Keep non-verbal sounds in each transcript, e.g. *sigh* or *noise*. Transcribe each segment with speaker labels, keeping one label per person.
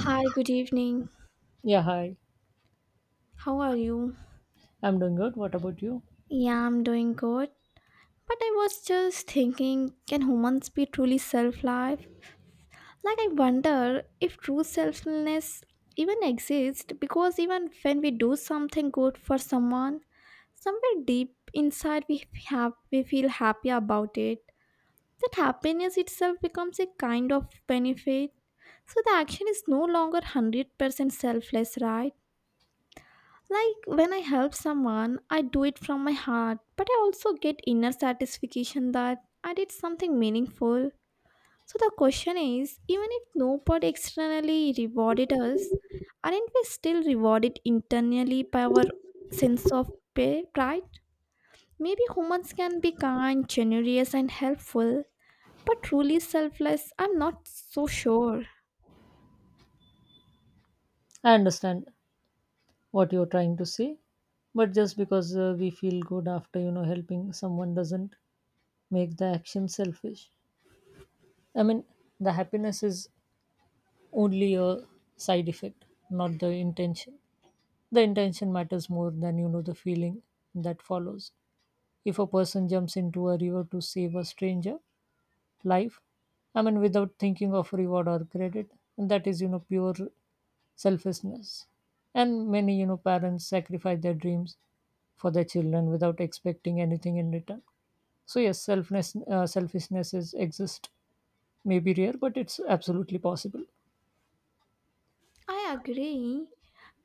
Speaker 1: Hi, good evening.
Speaker 2: Yeah, hi.
Speaker 1: How are you?
Speaker 2: I'm doing good. What about you?
Speaker 1: Yeah, I'm doing good. But I was just thinking, can humans be truly self-life? Like I wonder if true selflessness even exists because even when we do something good for someone, somewhere deep inside we feel happy about it. That happiness itself becomes a kind of benefit. So the action is no longer 100% selfless, right? Like when I help someone, I do it from my heart, but I also get inner satisfaction that I did something meaningful. So the question is even if nobody externally rewarded us, aren't we still rewarded internally by our sense of pride? Maybe humans can be kind, generous, and helpful, but truly selfless, I'm not so sure.
Speaker 2: I understand what you're trying to say, but just because we feel good after, helping someone doesn't make the action selfish. I mean, the happiness is only a side effect, not the intention. The intention matters more than, the feeling that follows. If a person jumps into a river to save a stranger life, I mean, without thinking of reward or credit, that is, pure selfishness. And many parents sacrifice their dreams for their children without expecting anything in return. So yes, selfness selfishness is exist. May be rare, but it's absolutely possible.
Speaker 1: I agree.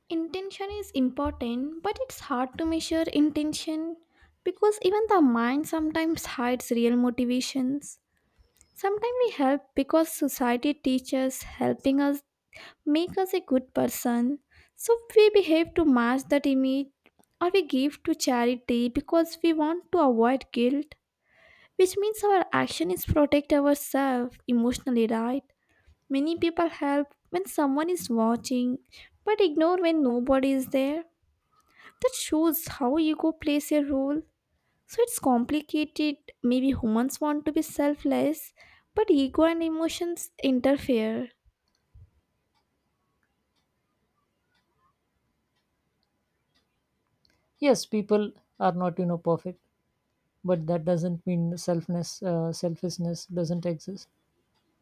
Speaker 1: Intention is important, but it's hard to measure intention because even the mind sometimes hides real motivations. Sometimes we help because society teaches helping us make us a good person. So we behave to match that image, or we give to charity because we want to avoid guilt, which means our action is protect ourselves emotionally, right? Many people help when someone is watching but ignore when nobody is there. That shows how ego plays a role. So it's complicated. Maybe humans want to be selfless, but ego and emotions interfere.
Speaker 2: Yes, people are not perfect, but that doesn't mean selfness selfishness doesn't exist.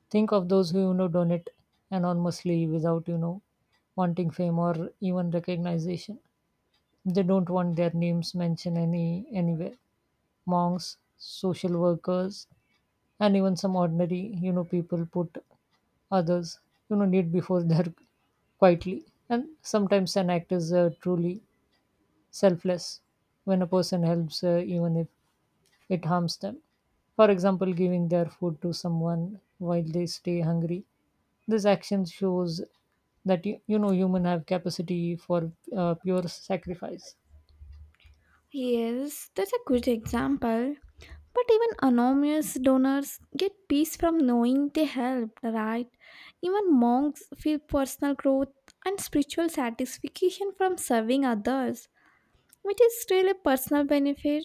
Speaker 2: Think of those who donate anonymously without wanting fame or even recognition. They don't want their names mentioned anywhere. Monks, social workers, and even some ordinary, people put others, need before *laughs* their quietly. And sometimes an act is truly selfless when a person helps, even if it harms them. For example, giving their food to someone while they stay hungry. This action shows that human have capacity for pure sacrifice.
Speaker 1: Yes, that's a good example. But even anonymous donors get peace from knowing they helped, right? Even monks feel personal growth and spiritual satisfaction from serving others, which is still a personal benefit.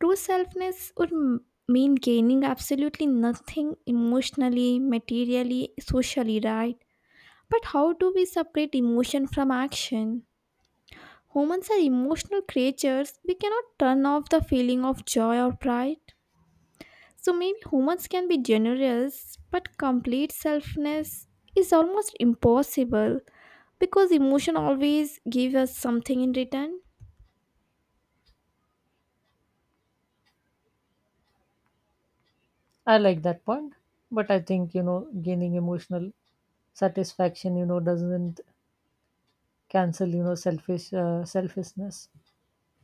Speaker 1: True selfness would mean gaining absolutely nothing emotionally, materially, socially, right? But how do we separate emotion from action? Humans are emotional creatures. We cannot turn off the feeling of joy or pride. So maybe humans can be generous, but complete selfness is almost impossible because emotion always gives us something in return.
Speaker 2: I like that point, but I think gaining emotional satisfaction doesn't cancel selfishness.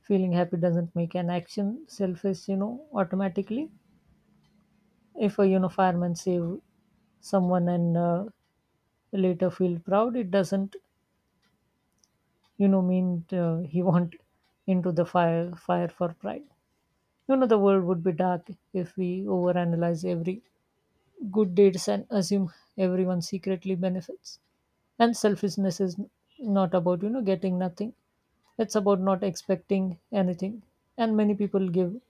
Speaker 2: Feeling happy doesn't make an action selfish automatically. If a fireman save someone and later feel proud, it doesn't mean he went into the fire for pride. You know the world would be dark if we overanalyze every good deeds and assume everyone secretly benefits. And selfishness is not about, getting nothing. It's about not expecting anything. And many people give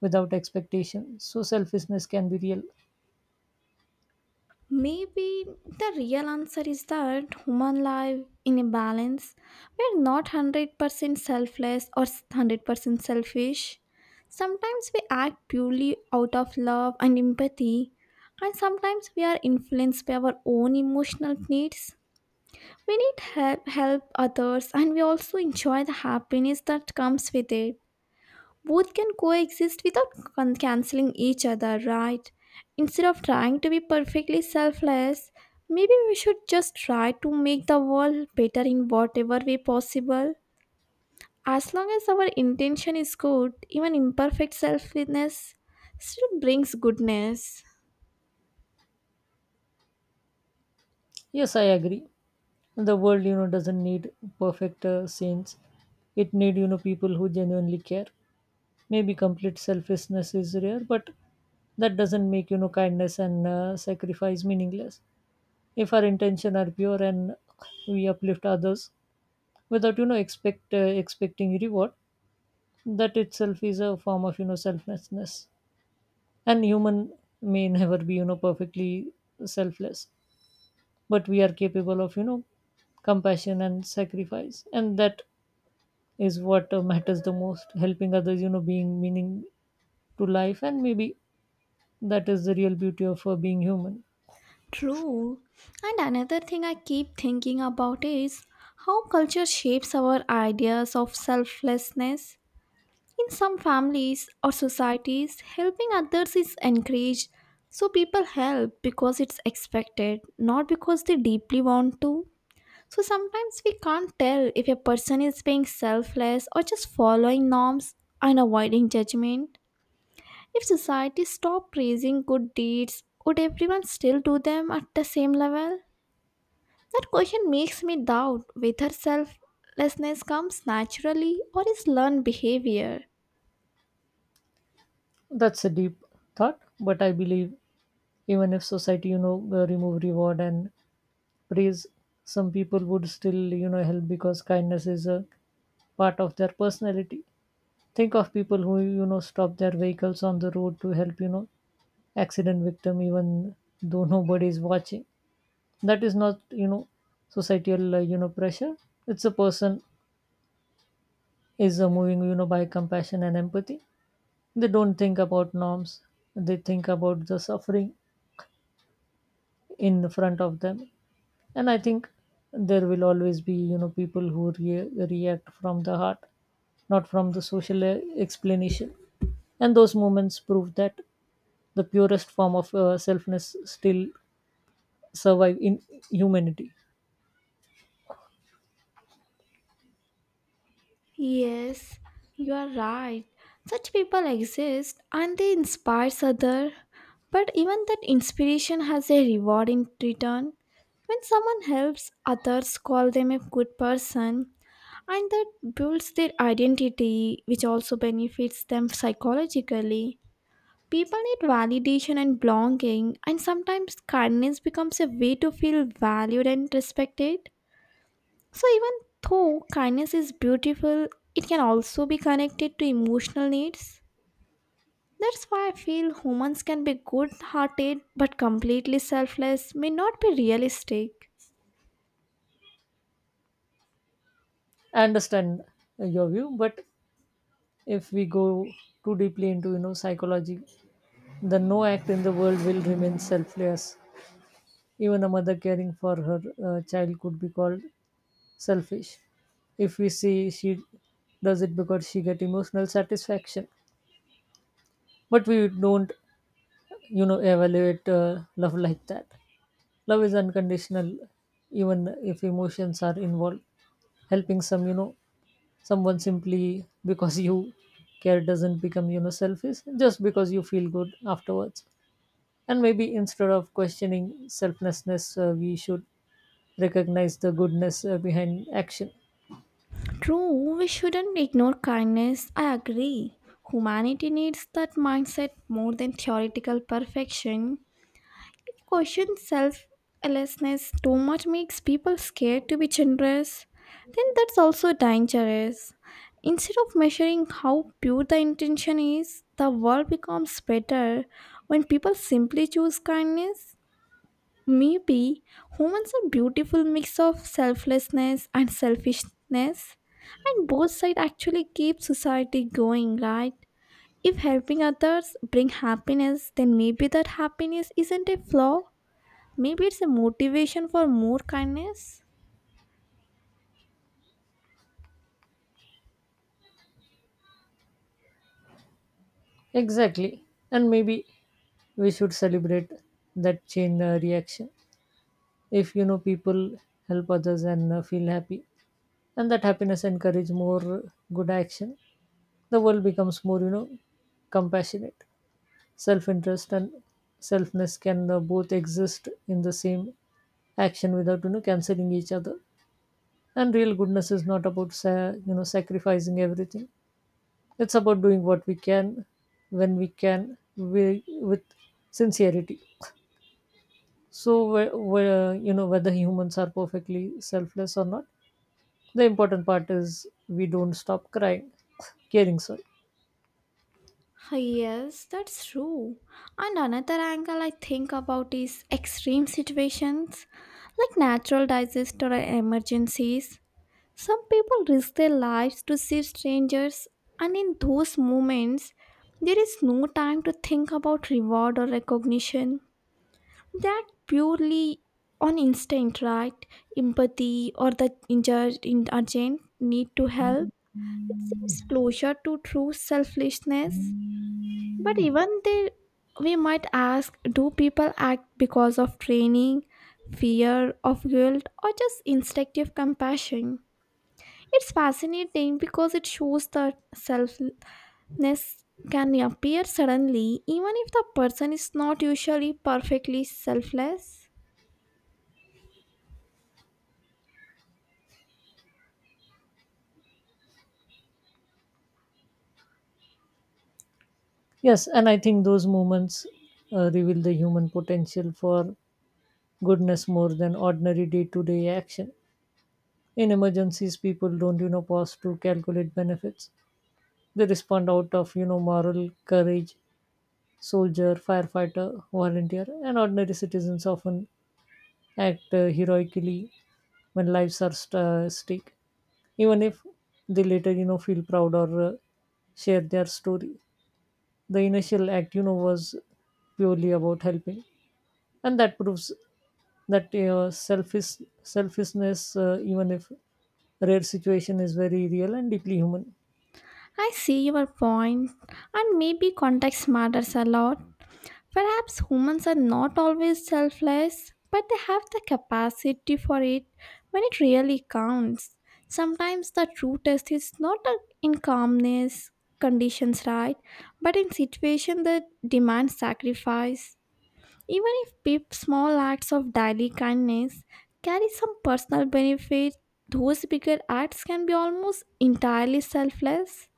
Speaker 2: without expectation. So selfishness can be real.
Speaker 1: Maybe the real answer is that human life in a balance. We're not 100% selfless or 100% selfish. Sometimes we act purely out of love and empathy, and sometimes we are influenced by our own emotional needs. We need help others, and we also enjoy the happiness that comes with it. Both can coexist without canceling each other, right? Instead of trying to be perfectly selfless, maybe we should just try to make the world better in whatever way possible. As long as our intention is good, even imperfect selflessness still brings goodness.
Speaker 2: Yes, I agree. The world, doesn't need perfect saints. It need, people who genuinely care. Maybe complete selfishness is rare, but that doesn't make kindness and sacrifice meaningless. If our intention are pure and we uplift others without expecting reward, that itself is a form of selflessness. And human may never be perfectly selfless, but we are capable of compassion and sacrifice, and that is what matters the most, helping others, being meaning to life. And maybe that is the real beauty of being human.
Speaker 1: True. And another thing I keep thinking about is how culture shapes our ideas of selflessness. In some families or societies, helping others is encouraged, so people help because it's expected, not because they deeply want to. So sometimes we can't tell if a person is being selfless or just following norms and avoiding judgment. If society stopped praising good deeds, would everyone still do them at the same level? That question makes me doubt whether selflessness comes naturally or is learned behavior.
Speaker 2: That's a deep thought, but I believe even if society remove reward and praise, some people would still help because kindness is a part of their personality. Think of people who, stop their vehicles on the road to help, accident victim even though nobody is watching. That is not, societal, pressure. It's a person is moving, by compassion and empathy. They don't think about norms. They think about the suffering in front of them. And I think there will always be people who react from the heart, not from the social explanation. And those moments prove that the purest form of selfness still survive in humanity.
Speaker 1: Yes, you are right. Such people exist and they inspire others. But even that inspiration has a reward in return. When someone helps others call them a good person, and that builds their identity, which also benefits them psychologically. People need validation and belonging, and sometimes kindness becomes a way to feel valued and respected. So, even though kindness is beautiful, it can also be connected to emotional needs. That's why I feel humans can be good hearted but completely selfless may not be realistic.
Speaker 2: I understand your view, but if we go too deeply into psychology, the no act in the world will remain selfless. Even a mother caring for her child could be called selfish if we see she does it because she get emotional satisfaction, but we don't, evaluate love like that. Love is unconditional, even if emotions are involved. Helping some, someone simply because you care doesn't become, selfish just because you feel good afterwards. And maybe instead of questioning selflessness, we should recognize the goodness behind action.
Speaker 1: True, we shouldn't ignore kindness, I agree. Humanity needs that mindset more than theoretical perfection. Question selflessness too much makes people scared to be generous, then that's also dangerous. Instead of measuring how pure the intention is, the world becomes better when people simply choose kindness. Maybe humans are beautiful mix of selflessness and selfishness, and both sides actually keep society going, right? If helping others bring happiness, then maybe that happiness isn't a flaw. Maybe it's a motivation for more kindness.
Speaker 2: Exactly. And maybe we should celebrate that chain reaction. If people help others and feel happy, and that happiness encourage more good action, the world becomes more compassionate. Self-interest and selfness can both exist in the same action without canceling each other. And real goodness is not about sacrificing everything. It's about doing what we can when we can, with sincerity. So, whether humans are perfectly selfless or not, the important part is we don't stop crying, *laughs* caring, sorry.
Speaker 1: Yes, that's true. And another angle I think about is extreme situations like natural disasters or emergencies. Some people risk their lives to save strangers, and in those moments, there is no time to think about reward or recognition. That purely on instinct, right? Empathy or the injured, urgent need to help. It seems closer to true selflessness, but even there, we might ask do people act because of training, fear of guilt, or just instinctive compassion? It's fascinating because it shows that selflessness can appear suddenly, even if the person is not usually perfectly selfless.
Speaker 2: Yes, and I think those moments reveal the human potential for goodness more than ordinary day to day action. In emergencies, people don't, pause to calculate benefits. They respond out of, moral courage. Soldier, firefighter, volunteer, and ordinary citizens often act heroically when lives are stick, even if they later, feel proud or share their story. The initial act, was purely about helping, and that proves that selfishness, even if rare situation, is very real and deeply human.
Speaker 1: I see your point, and maybe context matters a lot. Perhaps humans are not always selfless, but they have the capacity for it when it really counts. Sometimes the true test is not in calmness conditions, right? But in situations that demand sacrifice. Even if small acts of daily kindness carry some personal benefit, those bigger acts can be almost entirely selfless.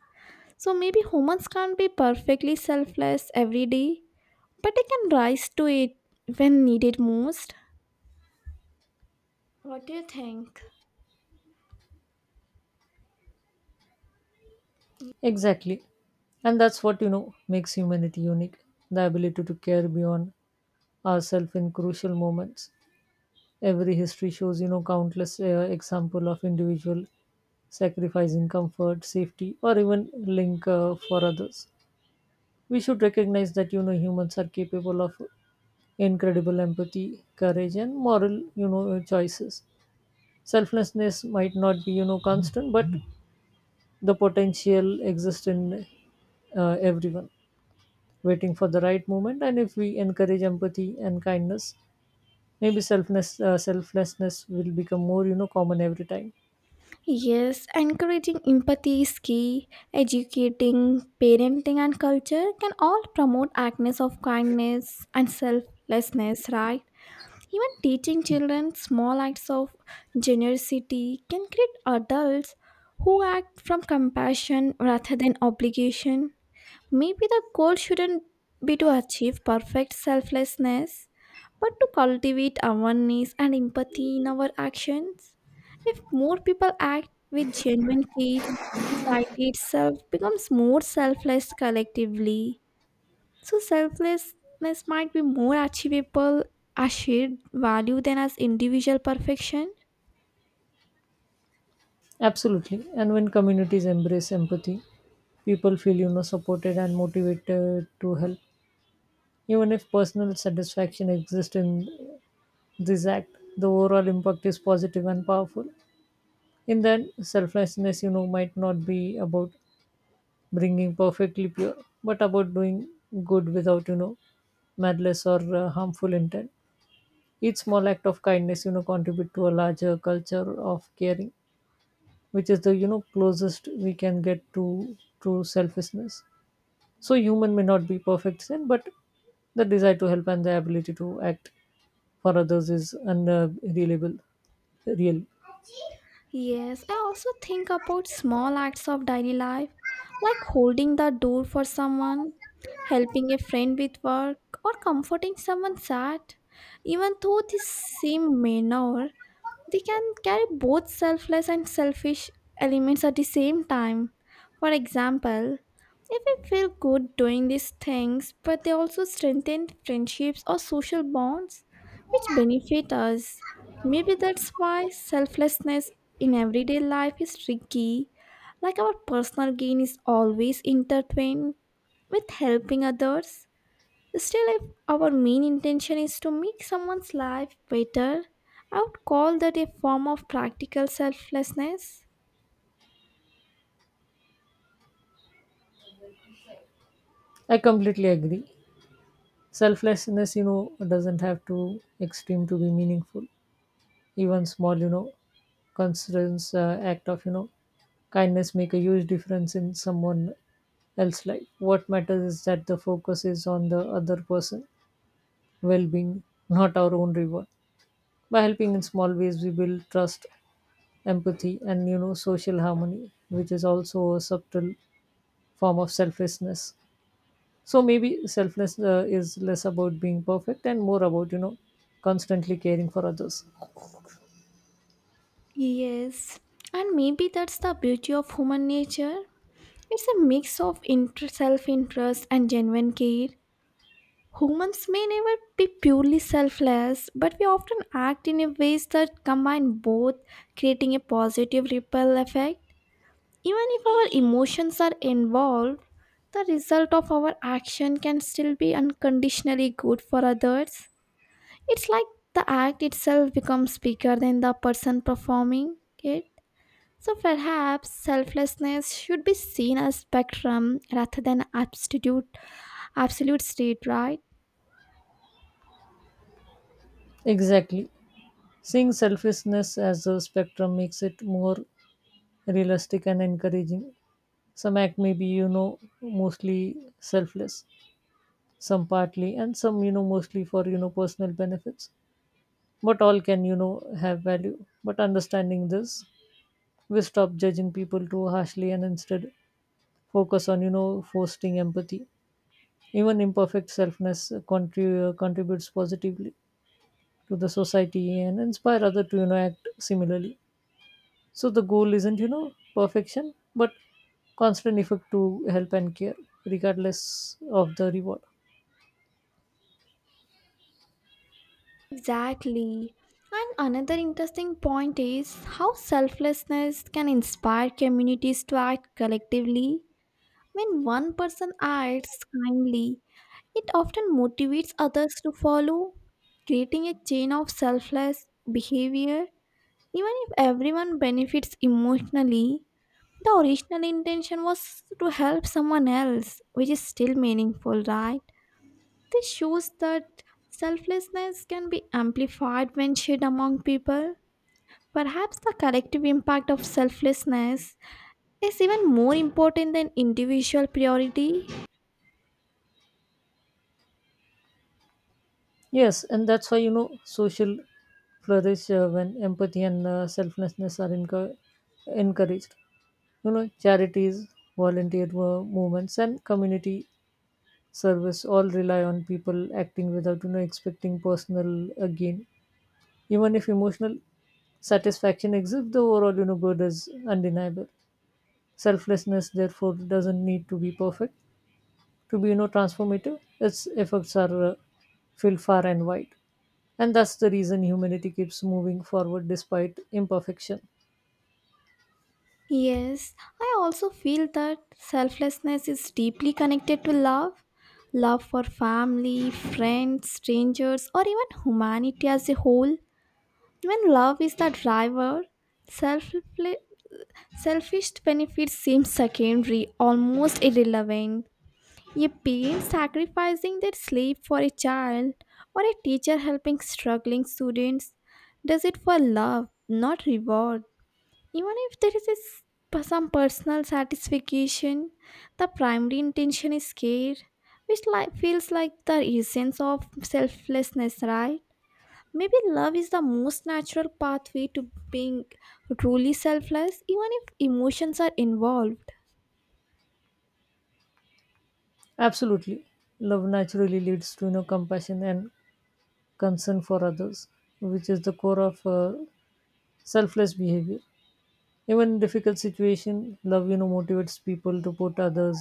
Speaker 1: So maybe humans can't be perfectly selfless every day, but I can rise to it when needed most. What do you think?
Speaker 2: Exactly, and that's what makes humanity unique: the ability to care beyond ourselves in crucial moments. Every history shows, countless example of individual sacrificing comfort, safety, or even link for others. We should recognize that humans are capable of incredible empathy, courage, and moral choices. Selflessness might not be constant, but the potential exists in everyone, waiting for the right moment. And if we encourage empathy and kindness, maybe selflessness will become more common every time.
Speaker 1: Yes, encouraging empathy is key. Educating, parenting, and culture can all promote acts of kindness and selflessness, right? Even teaching children small acts of generosity can create adults who act from compassion rather than obligation. Maybe the goal shouldn't be to achieve perfect selflessness, but to cultivate awareness and empathy in our actions. If more people act with genuine care, society itself becomes more selfless collectively. So, selflessness might be more achievable as shared value than as individual perfection.
Speaker 2: Absolutely. And when communities embrace empathy, people feel supported and motivated to help. Even if personal satisfaction exists in this act, the overall impact is positive and powerful. In that, selflessness, might not be about bringing perfectly pure, but about doing good without malice or harmful intent. Each small act of kindness, contribute to a larger culture of caring, which is the closest we can get to true selfishness. So human may not be perfect sin, but the desire to help and the ability to act for others is unreliable real.
Speaker 1: Yes, I also think about small acts of daily life, like holding the door for someone, helping a friend with work, or comforting someone sad. Even though this seem minor, they can carry both selfless and selfish elements at the same time. For example, if we feel good doing these things, but they also strengthen friendships or social bonds which benefit us. Maybe that's why selflessness in everyday life is tricky. Like our personal gain is always intertwined with helping others. Still, if our main intention is to make someone's life better, I would call that a form of practical selflessness.
Speaker 2: I completely agree. Selflessness doesn't have to extreme to be meaningful. Even small concerns act of kindness make a huge difference in someone else's life. What matters is that the focus is on the other person well being, not our own reward. By helping in small ways, we build trust, empathy, and social harmony, which is also a subtle form of selflessness. So maybe selflessness is less about being perfect and more about constantly caring for others.
Speaker 1: Yes, and maybe that's the beauty of human nature. It's a mix of self interest and genuine care. Humans may never be purely selfless, but we often act in a ways that combine both, creating a positive ripple effect. Even if our emotions are involved, the result of our action can still be unconditionally good for others. It's like the act itself becomes bigger than the person performing it. So perhaps selflessness should be seen as spectrum rather than absolute state, right?
Speaker 2: Exactly. Seeing selfishness as a spectrum makes it more realistic and encouraging. Some act maybe, mostly selfless, some partly, and some, mostly for, personal benefits. But all can, have value. But understanding this, we stop judging people too harshly and instead focus on, fostering empathy. Even imperfect selfness contributes positively to the society and inspire other to, act similarly. So the goal isn't, perfection, but constant effort to help and care, regardless of the reward.
Speaker 1: Exactly. And another interesting point is how selflessness can inspire communities to act collectively. When one person acts kindly, it often motivates others to follow, creating a chain of selfless behavior. Even if everyone benefits emotionally, the original intention was to help someone else, which is still meaningful, right? This shows that selflessness can be amplified when shared among people. Perhaps the collective impact of selflessness is even more important than individual priority.
Speaker 2: Yes, and that's why, social flourish when empathy and selflessness are encouraged. Charities, movements, and community service all rely on people acting without expecting personal gain. Even if emotional satisfaction exists, the overall good is undeniable. Selflessness therefore doesn't need to be perfect to be transformative. Its effects are filled far and wide, and that's the reason humanity keeps moving forward despite imperfection.
Speaker 1: Yes, I also feel that selflessness is deeply connected to love. Love for family, friends, strangers, or even humanity as a whole. When love is the driver, selfle- selfish benefits seem secondary, almost irrelevant. A parent sacrificing their sleep for a child, or a teacher helping struggling students, does it for love, not reward. Even if there is a some personal satisfaction, the primary intention is care, which like feels like the essence of selflessness, right? Maybe love is the most natural pathway to being truly selfless, even if emotions are involved.
Speaker 2: Absolutely. Love naturally leads to compassion and concern for others, which is the core of selfless behavior. Even in difficult situation, love motivates people to put others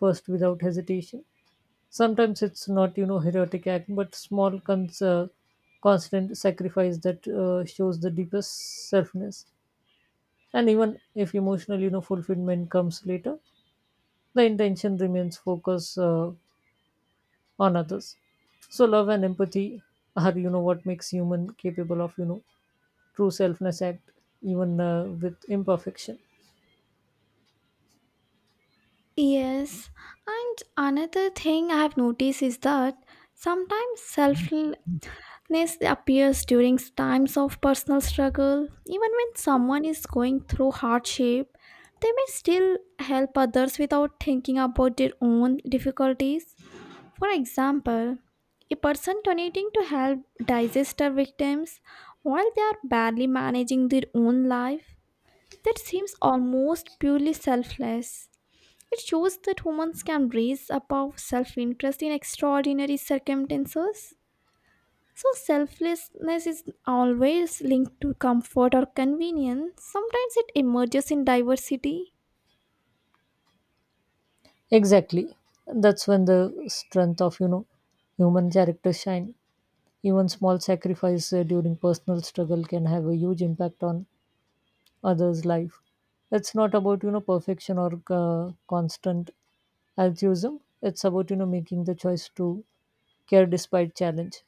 Speaker 2: first without hesitation. Sometimes it's not heroic act, but small constant sacrifice that shows the deepest selfness. And even if emotional fulfillment comes later, the intention remains focused on others. So love and empathy are what makes human capable of true selfness act, even with imperfection.
Speaker 1: Yes, and another thing I have noticed is that sometimes self weakness appears during times of personal struggle. Even when someone is going through hardship, they may still help others without thinking about their own difficulties. For example, a person donating to help disaster victims while they are barely managing their own life. That seems almost purely selfless. It shows that humans can rise above self interest in extraordinary circumstances. So, selflessness is always linked to comfort or convenience. Sometimes it emerges in diversity.
Speaker 2: Exactly, that's when the strength of human character shine. Even small sacrifice during personal struggle can have a huge impact on others life. It's not about perfection or uh, constant altruism. It's about making the choice to care despite challenge.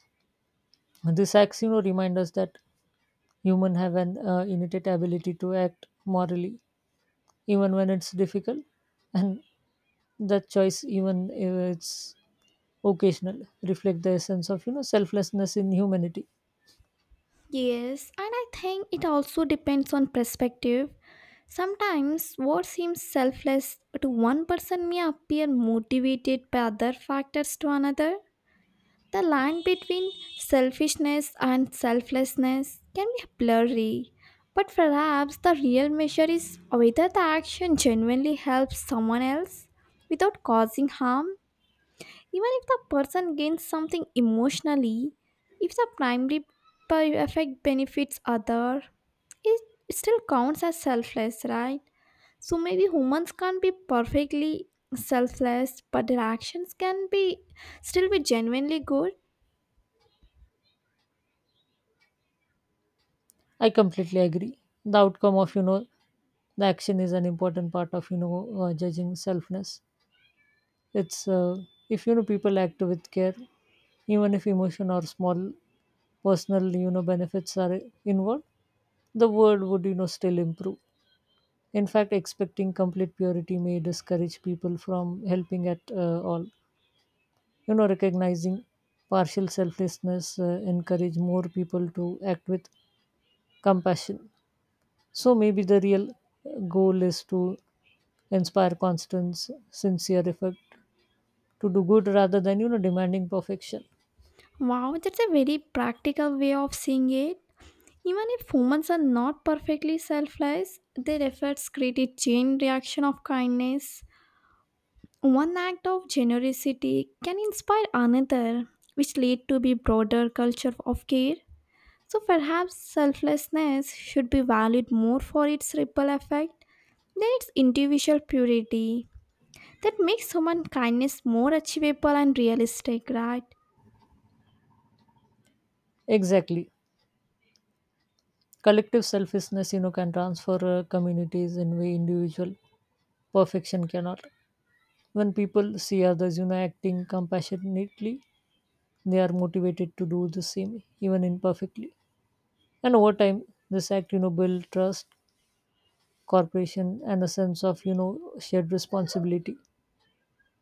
Speaker 2: This acts remind us that human have an innate ability to act morally, even when it's difficult. And that choice, even if it's occasional, reflect the essence of selflessness in humanity.
Speaker 1: Yes, and I think it also depends on perspective. Sometimes what seems selfless to one person may appear motivated by other factors to another. The line between selfishness and selflessness can be blurry, but perhaps the real measure is whether the action genuinely helps someone else without causing harm. Even if the person gains something emotionally, if the primary effect benefits other, it still counts as selfless, right? So maybe humans can't be perfectly selfless, but their actions can be still be genuinely good.
Speaker 2: I completely agree. The outcome of the action is an important part of judging selfness. It's if people act with care, even if emotion or small personal benefits are involved, the world would still improve. In fact, expecting complete purity may discourage people from helping at all. Recognizing partial selflessness encourage more people to act with compassion. So maybe the real goal is to inspire constant sincere effort to do good rather than demanding perfection.
Speaker 1: Wow, that's a very practical way of seeing it. Even if humans are not perfectly selfless, their efforts create a chain reaction of kindness. One act of generosity can inspire another, which lead to be broader culture of care. So perhaps selflessness should be valued more for its ripple effect than its individual purity. That makes human kindness more achievable and realistic, right?
Speaker 2: Exactly. Collective selflessness can transfer communities in way individual perfection cannot. When people see others acting compassionately, they are motivated to do the same, even imperfectly. And over time, this act, build trust, cooperation, and a sense of, shared responsibility.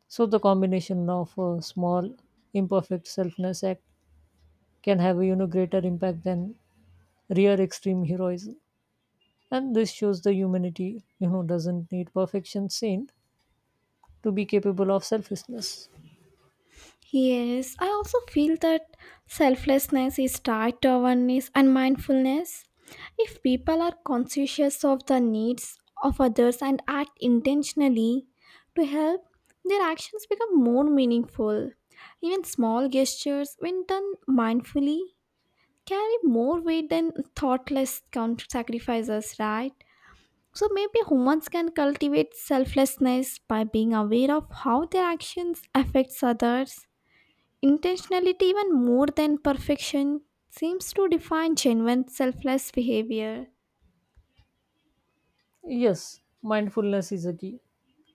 Speaker 2: So the combination of a small, imperfect selfness act can have a, greater impact than rare extreme heroism. And this shows the humanity, doesn't need perfection saint to be capable of selflessness.
Speaker 1: Yes, I also feel that selflessness is tied to awareness and mindfulness. If people are conscious of the needs of others and act intentionally to help, their actions become more meaningful. Even small gestures, when done mindfully, carry more weight than thoughtless sacrifices, right? So maybe humans can cultivate selflessness by being aware of how their actions affects others. Intentionality, even more than perfection, seems to define genuine selfless behavior.
Speaker 2: Yes, mindfulness is a key.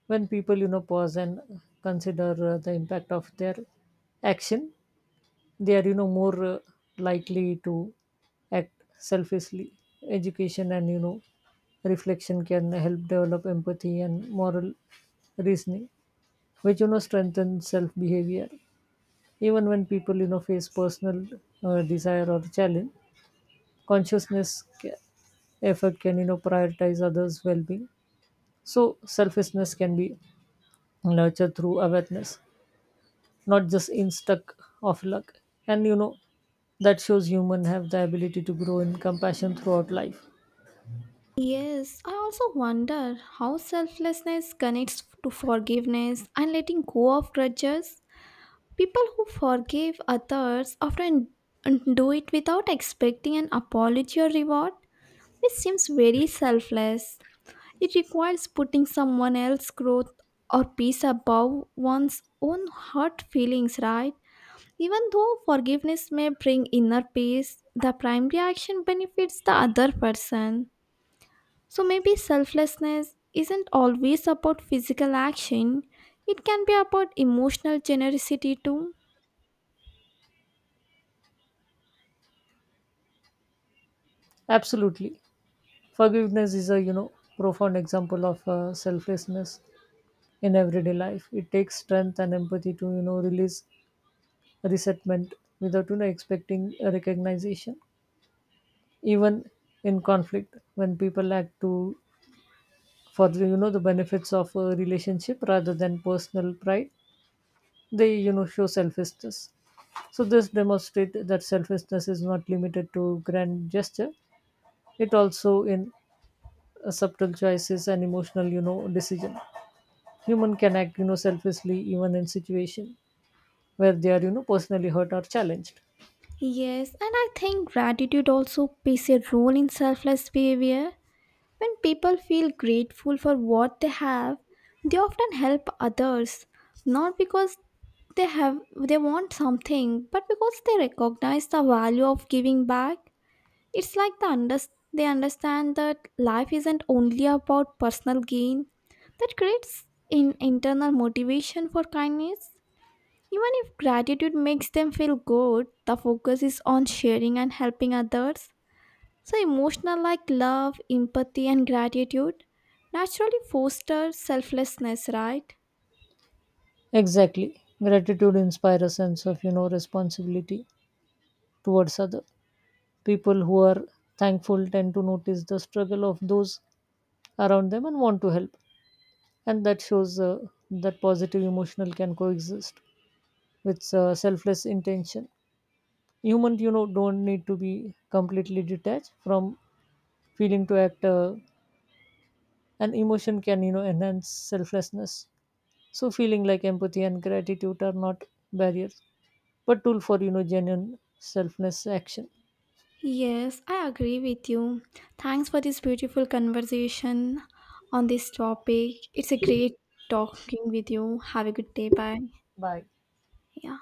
Speaker 2: When people, pause and consider the impact of their action, they are more likely to act selfishly. Education and reflection can help develop empathy and moral reasoning, which strengthen self behavior. Even when people face personal desire or challenge, consciousness effort can prioritize others well being. So selfishness can be nurtured through awareness, not just in stuck of luck. And that shows human have the ability to grow in compassion throughout life.
Speaker 1: Yes, I also wonder how selflessness connects to forgiveness and letting go of grudges. People who forgive others often do it without expecting an apology or reward, which seems very selfless. It requires putting someone else's growth or peace above one's own hurt feelings, right? Even though forgiveness may bring inner peace, the primary action benefits the other person. So maybe selflessness isn't always about physical action, it can be about emotional generosity too.
Speaker 2: Absolutely. Forgiveness is a, profound example of selflessness in everyday life. It takes strength and empathy to, release resentment without, expecting a recognition. Even in conflict, when people act to, for, the benefits of a relationship rather than personal pride, they, show selflessness. So this demonstrates that selflessness is not limited to grand gesture; it also in subtle choices and emotional, decision. Human can act, selflessly even in situation where they are, personally hurt or challenged.
Speaker 1: Yes, and I think gratitude also plays a role in selfless behavior. When people feel grateful for what they have, they often help others, not because they want something, but because they recognize the value of giving back. It's like they understand that life isn't only about personal gain. That creates an internal motivation for kindness. Even if gratitude makes them feel good, the focus is on sharing and helping others. So emotional like love, empathy and gratitude naturally foster selflessness, right?
Speaker 2: Exactly, gratitude inspires a sense of, responsibility towards other. People who are thankful tend to notice the struggle of those around them and want to help, and that shows that positive emotional can coexist with selfless intention. Humans, don't need to be completely detached from feeling to act. And emotion can, enhance selflessness. So feeling like empathy and gratitude are not barriers, but tool for genuine selfless action.
Speaker 1: Yes, I agree with you. Thanks for this beautiful conversation on this topic. It's a great talking with you. Have a good day. Bye.
Speaker 2: Bye.
Speaker 1: Yeah.